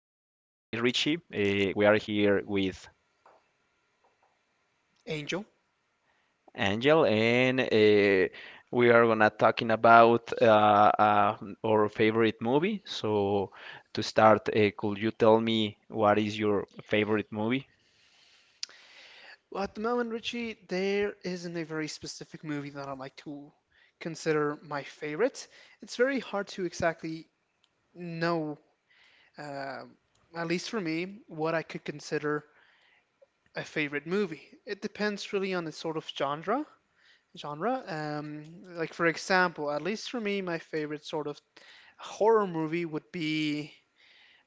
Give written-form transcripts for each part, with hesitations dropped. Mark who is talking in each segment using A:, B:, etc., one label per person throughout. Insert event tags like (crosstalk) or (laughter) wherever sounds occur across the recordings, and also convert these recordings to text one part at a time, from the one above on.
A: Richie. We are here with
B: Angel?
A: Angel, and we are gonna talking about our favorite movie. So, to start, could you tell me what is your favorite movie?
B: Well, at the moment, Richie, there isn't a very specific movie that I like to consider my favorite. It's very hard to exactly know, um at least for me, what I could consider a favorite movie. It depends really on the sort of genre. Genre, like for example, at least for me, my favorite sort of horror movie would be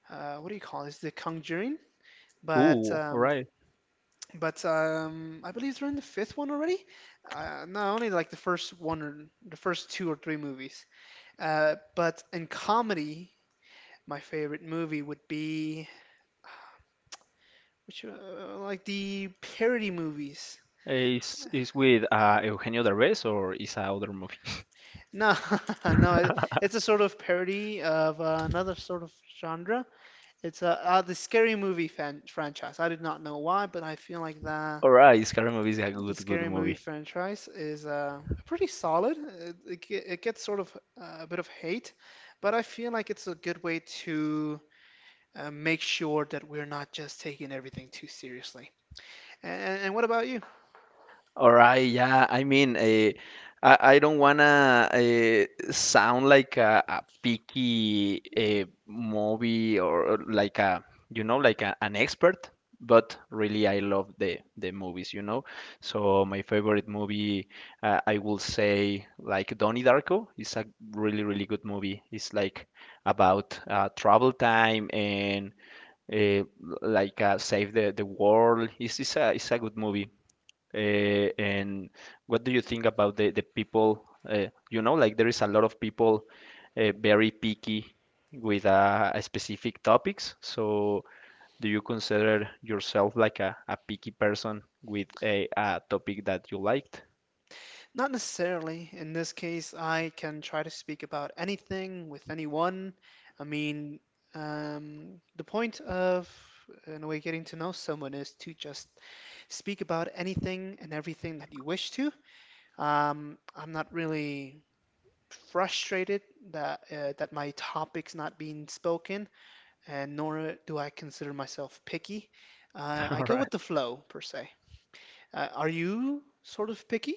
B: what do you call this? The Conjuring, but
A: Ooh, all
B: um,
A: right.
B: But I believe they're in the fifth one already. No, only like the first one or the first two or three movies. But in comedy, my favorite movie would be which like the parody movies.
A: Is with Eugenio Derbez or is a other movie? (laughs)
B: No, (laughs) no, it, it's a sort of parody of another sort of genre. It's the scary movie fan franchise. I did not know why, but I feel like that.
A: All right, Scary Movie is a
B: The
A: good, good
B: scary movie
A: movie.
B: franchise is pretty solid. It, ge- it gets sort of a bit of hate, but I feel like it's a good way to make sure that we're not just taking everything too seriously. And what about you?
A: All right, yeah. I don't wanna sound like a picky movie or like a, like a, an expert, but really I love the movies, So my favorite movie, I will say, like Donnie Darko, is a really really good movie. It's like about travel time and uh, save the world. It's a good movie. And what do you think about the people? Like there is a lot of people very picky with a specific topics. So, do you consider yourself like a picky person with a topic that you liked?
B: Not necessarily. In this case, I can try to speak about anything with anyone. I mean, the point of, in a way, getting to know someone is to just speak about anything and everything that you wish to. I'm not really frustrated that my topic's not being spoken, and nor do I consider myself picky.
A: (laughs)
B: I
A: All
B: go
A: right.
B: with the flow, per se. Are you sort of picky,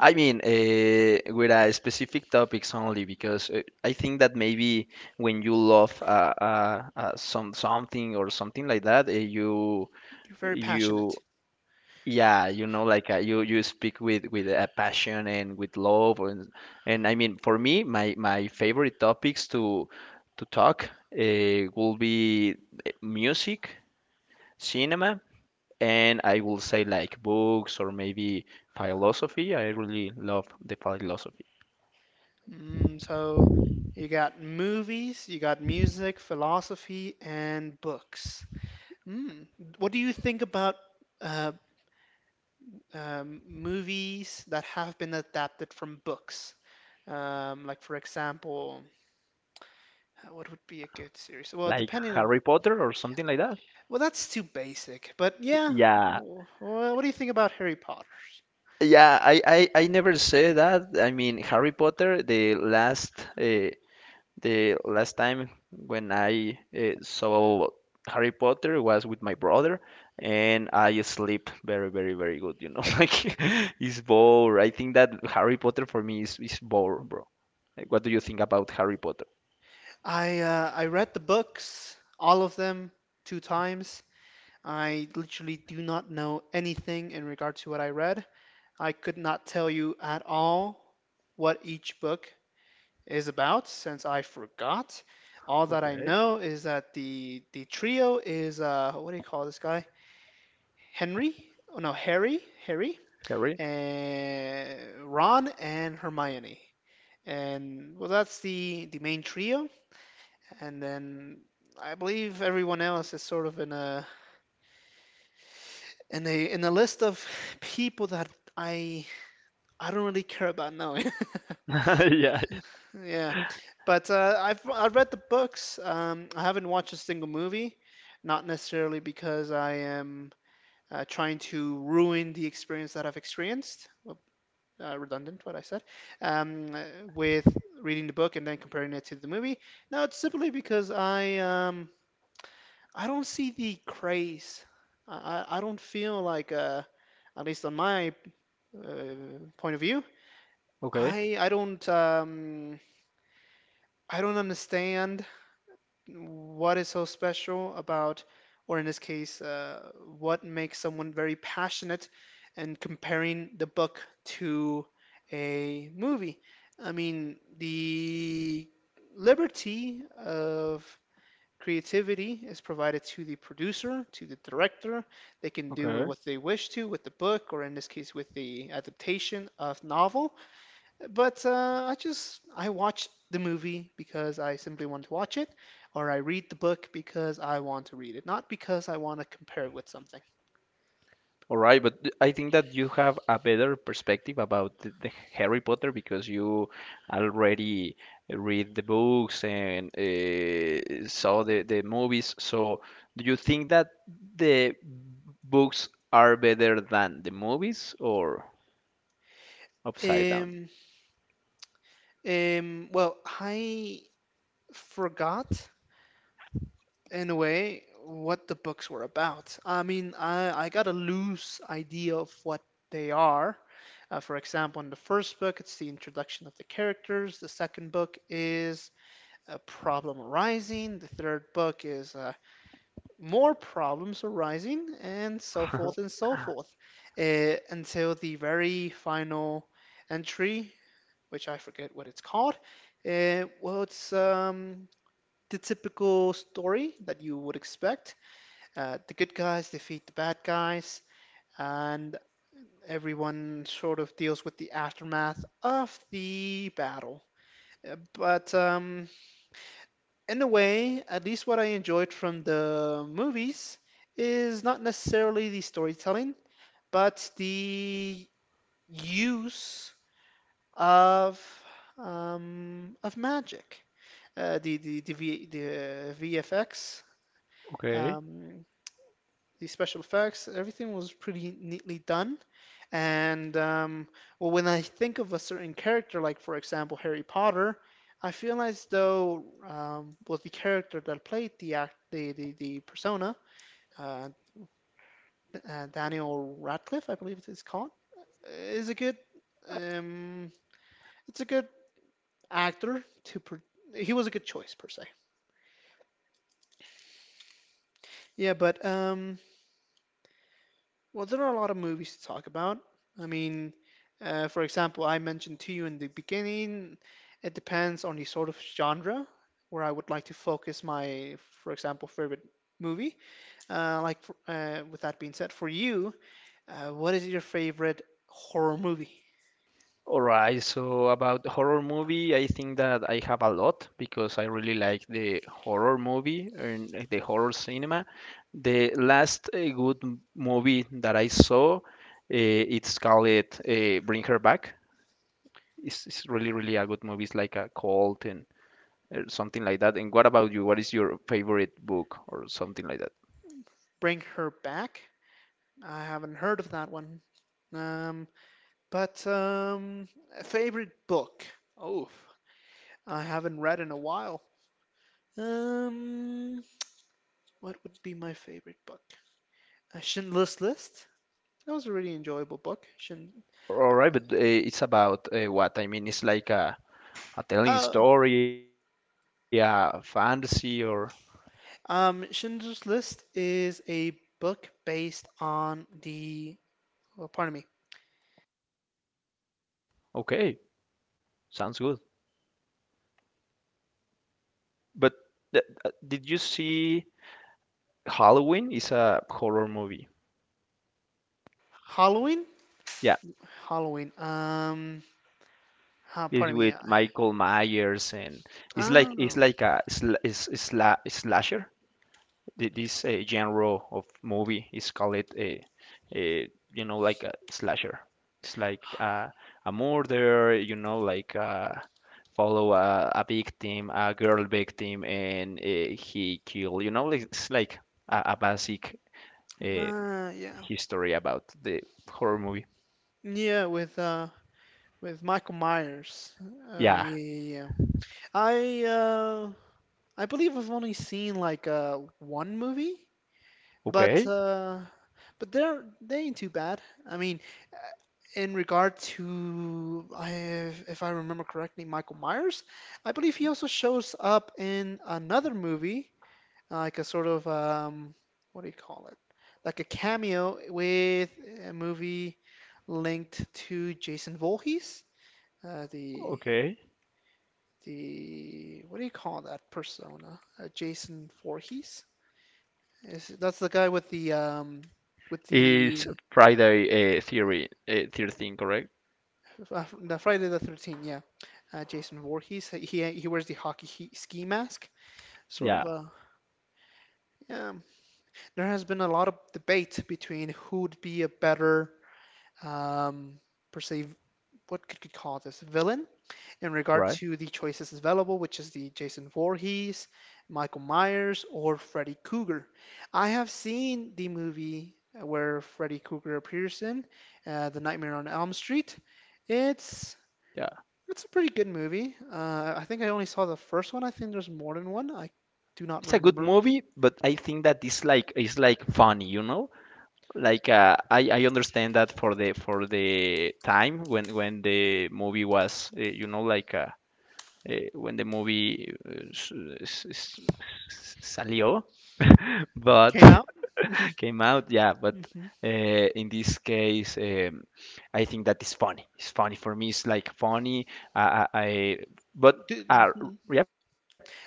A: With specific topics only, because I think that maybe when you love some something or something like that, uh, you
B: You're very
A: you
B: passionate.
A: Yeah, you speak with a passion and with love, and I mean, for me, my favorite topics to talk will be music, cinema, and I will say like books or maybe philosophy. I really love the philosophy,
B: Mm, so you got movies, you got music, philosophy, and books. Mm. What do you think about uh, movies that have been adapted from books? Like for example, what would be a good series? Well,
A: like
B: depending on,
A: Harry Potter or something like that.
B: well, that's too basic. But yeah,
A: Yeah.
B: what do you think about Harry Potter?
A: I never say that. I mean, Harry Potter, the last time when I saw Harry Potter was with my brother, and I sleep very, very, very good. You know, (laughs) like it's bore. I think that Harry Potter for me is bore, bro. Like, what do you think about Harry Potter?
B: I read the books, all of them, two times. I literally do not know anything in regard to what I read. I could not tell you at all what each book is about since I forgot. All that I
A: Okay.
B: know is that the trio is, uh, what do you call this guy? Henry? Oh no, Harry
A: Harry?
B: and Ron and Hermione. And well, that's the main trio, and then I believe everyone else is sort of in a list of people that I I don't really care about knowing. (laughs)
A: (laughs) Yeah.
B: Yeah. But I've read the books. I haven't watched a single movie, not necessarily because I am trying to ruin the experience that I've experienced. Redundant, what I said, um, uh, with reading the book and then comparing it to the movie. No, it's simply because I don't see the craze. I, I don't feel like, at least on my, point of view,
A: Okay.
B: I don't, I don't understand what is so special about, or in this case, what makes someone very passionate and comparing the book to a movie. I mean, the liberty of creativity is provided to the producer, to the director. They can do
A: Okay.
B: what they wish to with the book, or in this case, with the adaptation of novel, but I just I watch the movie because I simply want to watch it, or I read the book because I want to read it, not because I want to compare it with something.
A: All right, but I think that you have a better perspective about the Harry Potter because you already read the books and saw the movies. So, do you think that the books are better than the movies or upside down?
B: Um, well, I forgot in a way what the books were about. I mean, I got a loose idea of what they are. For example, in the first book, it's the introduction of the characters. The second book is a problem arising. The third book is, more problems arising,
A: (laughs)
B: and so forth, until the very final entry, which I forget what it's called. Well, it's The typical story that you would expect. The good guys defeat the bad guys, and everyone sort of deals with the aftermath of the battle. But in a way, at least what I enjoyed from the movies is not necessarily the storytelling, but the use of, of magic, the, v, the VFX,
A: Okay.
B: um, the special effects. Everything was pretty neatly done. And well, when I think of a certain character, like for example Harry Potter, I feel as though, was the character that played the act, the persona, uh, Daniel Radcliffe, I believe it is called, is a good, um, it's a good actor to pro He was a good choice, per se. Yeah, but, well, there are a lot of movies to talk about. I mean, for example, I mentioned to you in the beginning, it depends on the sort of genre where I would like to focus my, for example, favorite movie. Like, with that being said, for you, what is your favorite horror movie?
A: All right, so about horror movie, I think that I have a lot because I really like the horror movie and the horror cinema. The last good movie that I saw, it's called Bring Her Back. It's really, really a good movie. It's like a cult and something like that. And what about you? What is your favorite book or something like that?
B: Bring Her Back? I haven't heard of that one. Um, but A favorite book? Oh, I haven't read in a while. Um, What would be my favorite book? Schindler's List. That was a really enjoyable book. Schind
A: All right, but it's about what? I mean, it's like a telling
B: Oh,
A: story, a fantasy, or
B: Schindler's List is a book based on the. Oh, pardon me.
A: okay, sounds good. But did you see Halloween is a horror movie?
B: Halloween.
A: Yeah,
B: Halloween.
A: it's
B: Pardon me.
A: with Michael Myers and it's
B: Oh.
A: like a sla is sla slasher. This genre of movie is called a a slasher. It's like a murder, follow a victim, a girl victim, and he kill. You know, like it's like a basic uh,
B: Yeah.
A: history about the horror movie.
B: Yeah. With, uh, with Michael Myers.
A: Yeah.
B: Yeah. Yeah. Yeah. I uh. I believe I've only seen like, uh, one movie. But
A: Okay.
B: uh, but they're, they ain't too bad. I mean, uh, in regard to, if I remember correctly, Michael Myers, I believe he also shows up in another movie, like a sort of, what do you call it? Like a cameo with a movie linked to Jason Voorhees, uh, the
A: Okay.
B: the what do you call that persona? Jason Voorhees? Is, that's the guy with the, with
A: Is
B: the,
A: Friday Theory 13 correct?
B: The Friday the 13th, yeah. Jason Voorhees, he, wears the ski mask. Sort
A: Yeah.
B: of a, yeah. There has been a lot of debate between who would be a better, um, per se, what could you call this villain, in regard
A: Right.
B: to the choices available, which is the Jason Voorhees, Michael Myers, or Freddy Krueger. I have seen the movie where Freddy Krueger appears in, The Nightmare on Elm Street. It's
A: Yeah.
B: It's a pretty good movie. I think I only saw the first one. I think there's more than one. I do not
A: It's a good
B: remember.
A: movie, but I think that it's like funny, you know? Like I understand that for the time when the movie was you know like when the movie s- s- s- salió, but
B: Came out. (laughs)
A: came out. Yeah, but in this case, I think that is funny. It's funny for me. It's like funny. I but uh,
B: Hmm.
A: yep,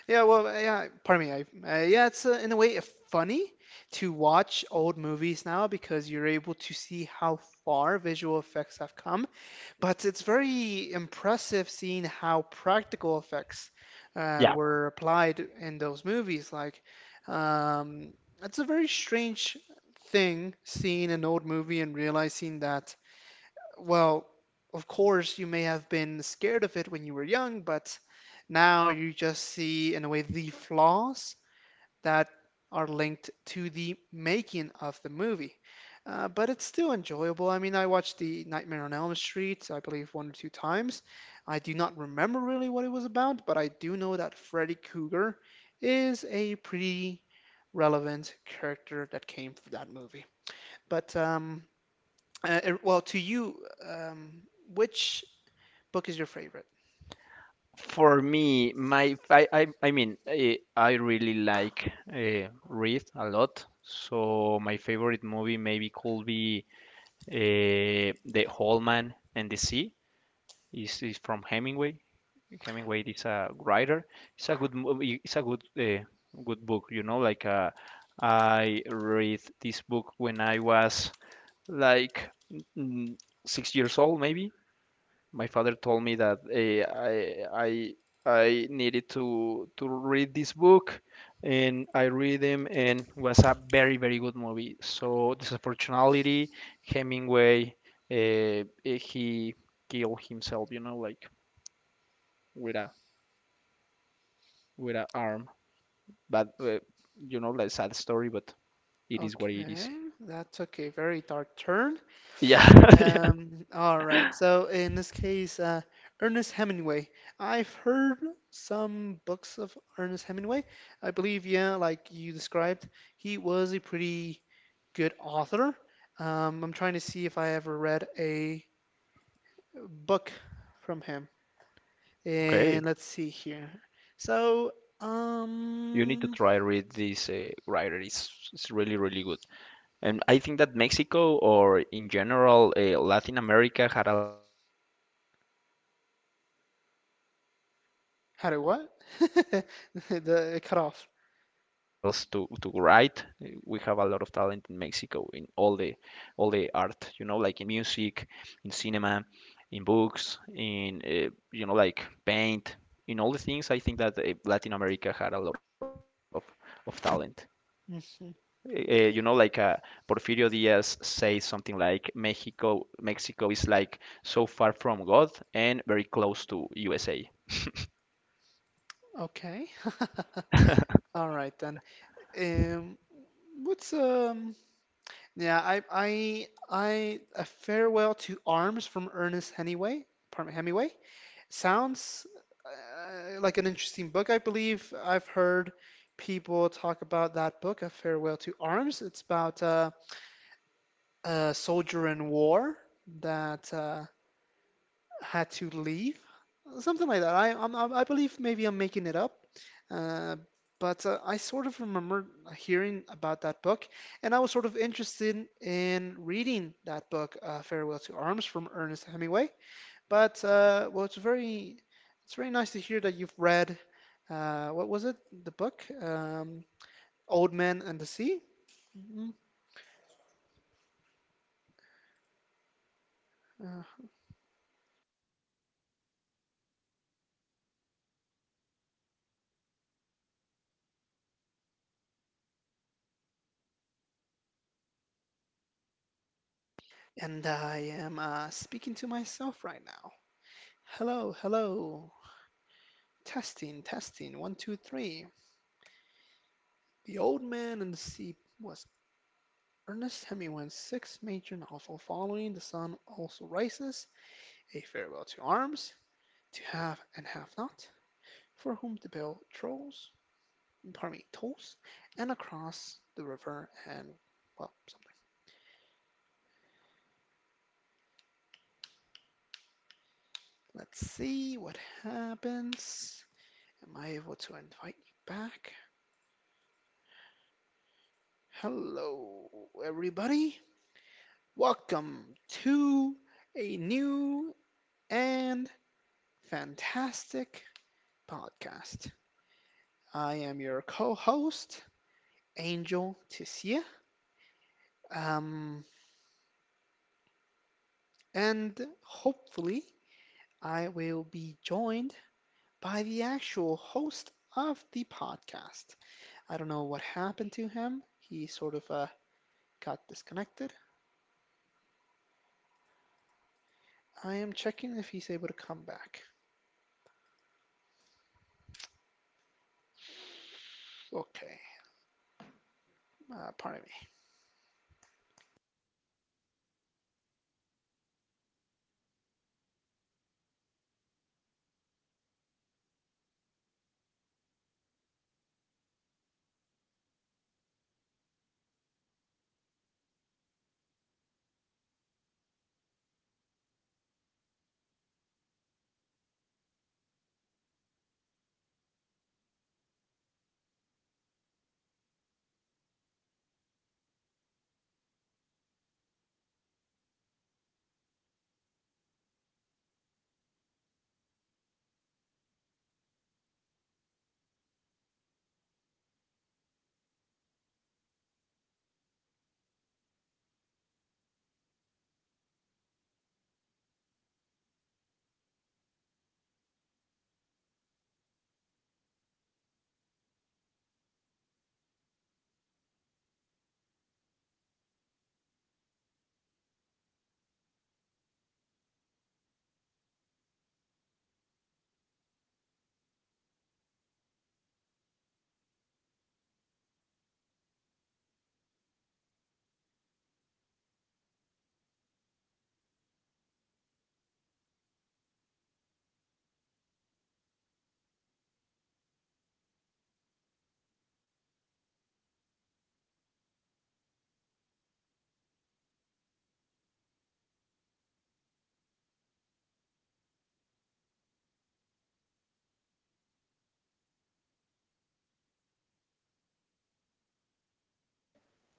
B: Yeah, pardon me. I, yeah, it's In a way, funny to watch old movies now because you're able to see how far visual effects have come, but it's very impressive seeing how practical effects,
A: yeah.
B: were applied in those movies. Like, um, it's a very strange thing seeing an old movie and realizing that, well, of course, you may have been scared of it when you were young, but now you just see, in a way, the flaws that are linked to the making of the movie. But it's still enjoyable. I mean, I watched the Nightmare on Elm Street, I believe, one or two times. I do not remember really what it was about, but I do know that Freddy Krueger is a pretty relevant character that came from that movie. But Well, to you, um, which book is your favorite?
A: For me, my I mean I really like read a lot. So my favorite movie maybe could be uh, The Whole Man and the Sea. Is from Hemingway. Hemingway is a writer. It's a good it's a good good book. You know, like I read this book when I was like mm, 6 years old, maybe. My father told me that I needed to read this book, and I read him, and it was a very very good movie. So disproportionality, Hemingway, he killed himself. You know, like with a with a arm. But you know, like sad story, but it is what it is.
B: Okay, that's okay. Very dark turn.
A: Yeah, (laughs) yeah.
B: All right. So in this case, Ernest Hemingway. I've heard some books of Ernest Hemingway. I believe, yeah, like you described, he was a pretty good author. I'm trying to see if I ever read a book from him.
A: Okay.
B: And let's see here. So,
A: You need to
B: um,
A: try read this writer. It's really really good. And I think that Mexico or in general Latin America had a lot of talent or is you know like skills
B: how
A: to
B: do what? (laughs)
A: write. We have a lot of
B: The it cut
A: talent in
B: off.
A: Mexico in all the art, you know, like in music, in cinema, in books, in you know like paint, in all the things. I think that Latin America had a lot of talent eh, you know, like uh, Porfirio
B: Hmm.
A: Diaz says something like Mexico, Mexico is like so far from God and very close to USA.
B: Okay. (laughs) All right then. Um, what's um? Yeah, I a farewell to arms from Ernest Hemingway. Pardon me, Hemingway sounds,
A: Oh!
B: like an interesting book. I believe I've heard people talk
A: Hello,
B: about that book, A Farewell to Arms. It's about, a soldier in war that, had to leave, something like that. I believe maybe I'm making it up, uh, but, I sort of remember hearing about
A: hello,
B: that book,
A: hello,
B: and I was sort of interested in reading
A: hello.
B: that book, Farewell to Arms from
A: Yo, yo,
B: Ernest
A: yo, yo,
B: Hemingway.
A: yo, yo, yo.
B: But, well, it's very nice to hear that you've read, what was it? The book, Old Man and the Sea. Mhm. Uh, and I am, speaking to myself right now. Hello, hello. Testing, testing, one, two, three. The Old Man and the Sea was Ernest Hemingway's sixth major novel, following The Sun Also Rises, A Farewell to Arms, To Have and Have Not, For Whom the Bell Tolls, pardon me, Tolls, and Across the River and, well, something. Let's see what happens. Am I able to invite you back? Hello, everybody. Welcome to a new and fantastic podcast. I am your co host, Angel Tissier, um, and hopefully, I will be joined by the actual host of the podcast. I don't know what happened to him. He sort of got disconnected. I am checking if he's able to come back. Okay, pardon me.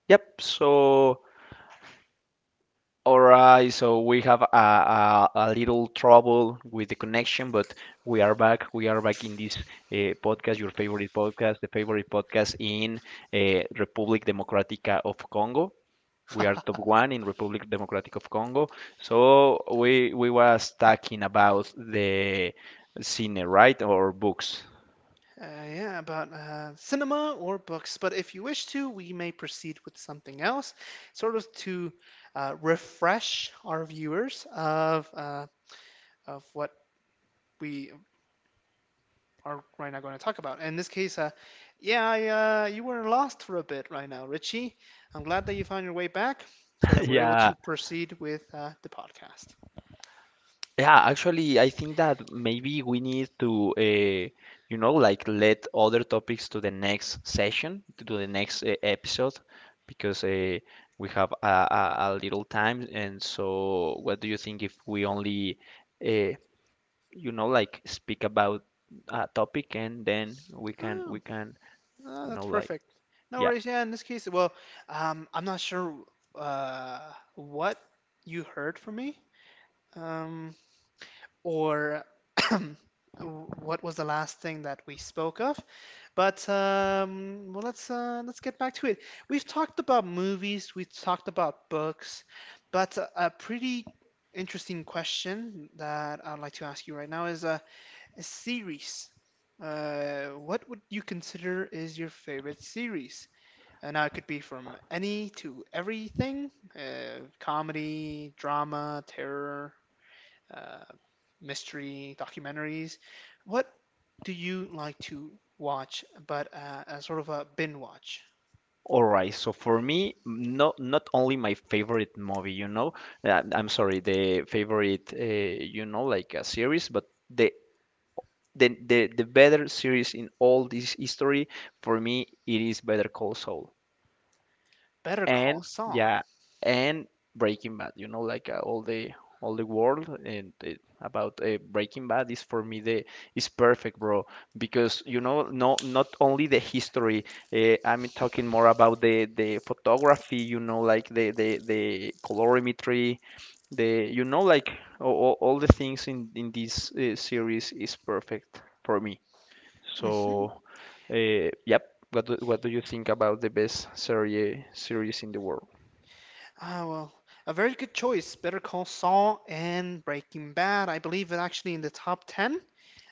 A: Yep. So, all right. So we have a little trouble with the connection, but we are back. We are back in this podcast, your favorite podcast, the favorite podcast in Republic Democratica of Congo. We are
B: (laughs)
A: top one in Republic Democratic of Congo. So we was talking about the cine, right, or books.
B: Uh, yeah, about cinema or books. But if you wish to, we may proceed with something else, sort of to refresh our viewers of what we are right now going to talk about. In this case, you were lost for a bit right now, Richie. I'm glad that you found your way back, so that
A: (laughs)
B: we're able
A: Yeah.
B: to proceed with the podcast.
A: Yeah, actually, I think that maybe we need to, like let other topics to the next session, to the next episode, because we have a little time. And so, what do you think if we only, uh, like speak about a topic and then
B: Oh.
A: we can,
B: Oh,
A: you
B: that's
A: know, like,
B: perfect. No
A: yeah.
B: worries. Yeah, in this case, well, I'm not sure uh, what you heard from me, um, or (coughs) (clears throat) what was the last thing that we spoke of. But well, let's get back to it. We've talked about movies, we've talked about books, but a pretty interesting question that I'd like to ask you right now is a series. What would you consider is your favorite series? And now it could be from any to everything, comedy, drama, terror, uh, mystery, documentaries. What do you like to watch, but a sort of a bin watch?
A: All right, so for me, not only my favorite movie, I'm sorry, the favorite, like a series, but the better series in all this history for me, it is Better Call Saul
B: Better Call
A: and
B: Saul.
A: yeah, and Breaking Bad. You know, like all the world and about Breaking Bad is for me the is perfect, bro. Because you know, no, not only the history. I'm talking more about the photography. You know, like the colorimetry, the you know, like all the things in this series is perfect for me.
B: Hmm.
A: So, yep. What do you think about the best series in the world?
B: Ah, well, a very good choice. Better Call Saul and Breaking Bad. I believe it actually in the top 10.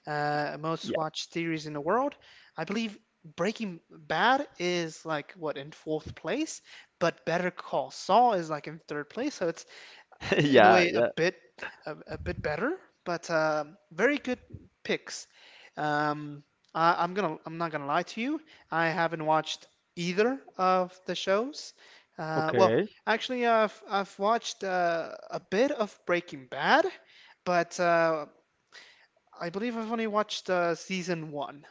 B: Uh, most
A: Yeah,
B: watched series in the world. I believe Breaking Bad is like what in fourth place, but Better Call Saul is like in third place. So it's
A: (laughs)
B: in a
A: yeah,
B: way a
A: yeah.
B: bit a bit better, but very good picks. Um, I'm not gonna lie to you. I haven't watched either of the shows. Well,
A: Okay,
B: actually, I've watched a bit of Breaking Bad, but I believe I've only watched season one.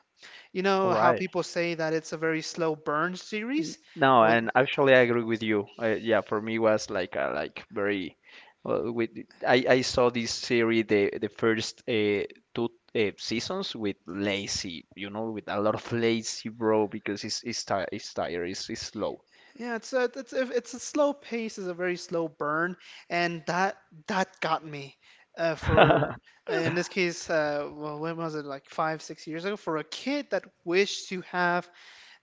B: You
A: all
B: know how
A: right.
B: people say that it's a very slow burn series?
A: No,
B: Well,
A: and actually, I agree with you. Yeah, for me was like a, like very. With I saw this series the first two seasons with lazy, you know, with a lot of lazy bro because it's tired, it's slow.
B: yeah, it's a slow pace, it's a very slow burn, and that got me for
A: (laughs)
B: in this case, well, when was it? Like five, 6 years ago, for a kid that wished to have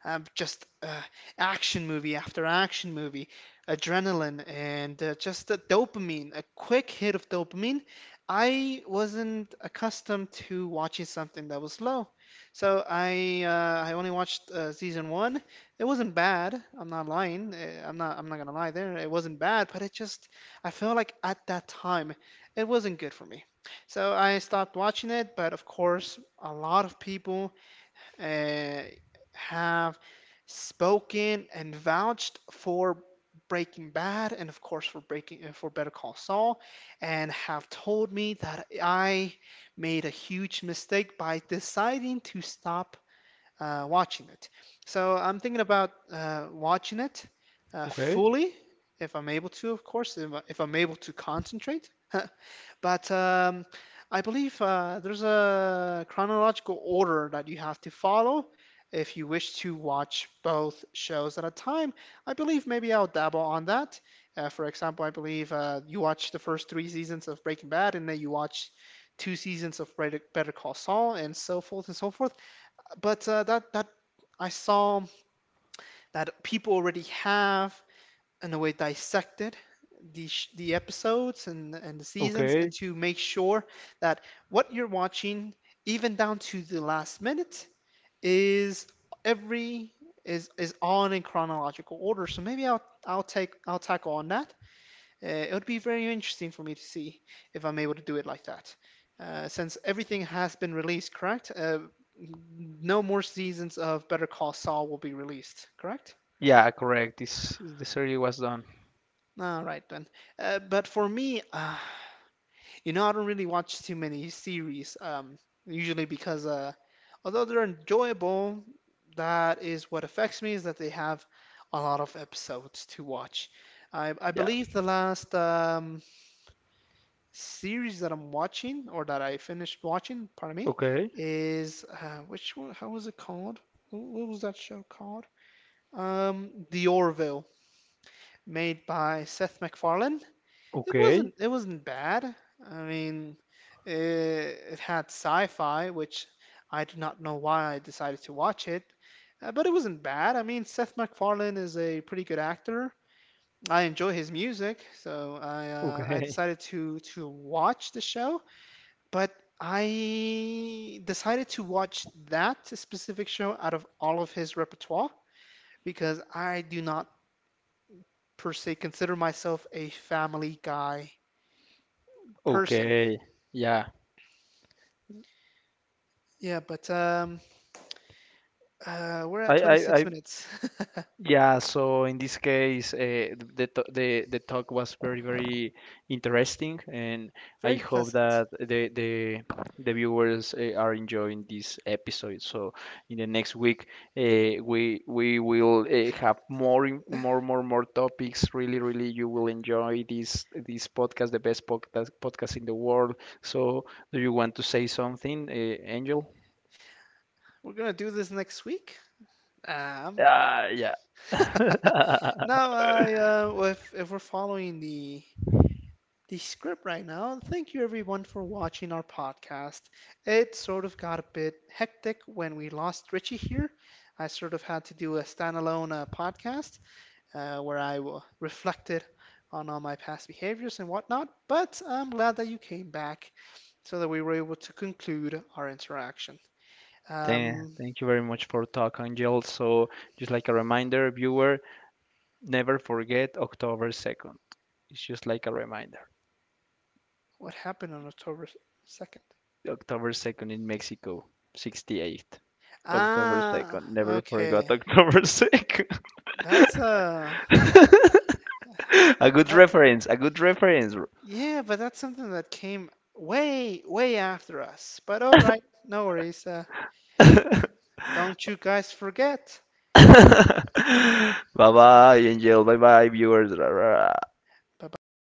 B: just action movie after action movie, adrenaline and just the dopamine, a quick hit of dopamine. I wasn't accustomed to watching something that was slow, so I only watched season one. It wasn't bad. I'm not lying. I'm not gonna lie there. It wasn't bad, but it just I felt like at that time it wasn't good for me. So I stopped watching it, but of course, a lot of people uh, have spoken and vouched for Breaking Bad and of course for Better Call Saul and have told me that I made a huge mistake by deciding to stop watching it. So I'm thinking about watching it
A: Okay,
B: fully if I'm able to, of course, if, I- if I'm able to concentrate. (laughs) But I believe there's a chronological order that you have to follow if you wish to watch both shows at a time. I believe maybe I'll dabble on that. For example, I believe you watch the first three seasons of Breaking Bad, and then you watch two seasons of Better Call Saul, and so forth and so forth. But that I saw that people already have in a way dissected the episodes and the seasons and
A: okay.
B: to make sure that what you're watching even down to the last minute is every is on in chronological order. So maybe I'll tackle on that. Uh, it would be very interesting for me to see if I'm able to do it like that, since everything has been released, correct? Uh, no more seasons of Better Call Saul will be released, correct?
A: Yeah, correct. This the series was done.
B: All right then. uh, but for me, uh, You know, I don't really watch too many series, usually because although they're enjoyable, that is what affects me is that they have a lot of episodes to watch. I
A: Yeah.
B: believe the last series that I'm watching or that I finished watching, pardon me,
A: Okay.
B: is which one, how was it called? What was that show called? The Orville, made by Seth MacFarlane.
A: Okay,
B: It wasn't bad. I mean, it, it had sci-fi, which I do not know why I decided to watch it, but it wasn't bad. I mean, Seth MacFarlane is a pretty good actor. I enjoy his music, so I
A: okay,
B: decided to watch the show, but I decided to watch that specific show out of all of his repertoire because I do not per se consider myself a family guy
A: (laughs)
B: person.
A: okay. Yeah.
B: Yeah, but we're at 26
A: I
B: minutes. (laughs)
A: Yeah, so in this case, the talk was very, very interesting, and I
B: Very
A: hope
B: pleasant.
A: that the the viewers are enjoying this episode. So in the next week, we will have more in- more more more topics. Really, really, you will enjoy this podcast, the best podcast in the world. So do you want to say something, Angel?
B: We're gonna do this next week. I'm good.
A: Ah, yeah.
B: (laughs)
A: (laughs)
B: Now, well, if we're following the script right now, thank you everyone for watching our podcast. It sort of got a bit hectic when we lost Richie here. I sort of had to do a standalone podcast where I reflected on all my past behaviors and whatnot. But I'm glad that you came back so that we were able to conclude our interaction. Um,
A: Thank you very much for talk, Angel. So, just like a reminder, viewer, never forget October 2nd. It's just like a reminder.
B: what happened on October 2nd?
A: October 2nd in Mexico, 68. October
B: Ah,
A: 2nd. Never forgot
B: okay.
A: October 2nd.
B: That's
A: (laughs) A good
B: that
A: reference, a good reference. (laughs)
B: yeah, but that's something that came way, way after us. But all right, no worries.
A: Bye
B: Don't you guys forget.
A: bye, Angel. Bye bye, viewers. Ra, ra, ra.
B: Bye bye.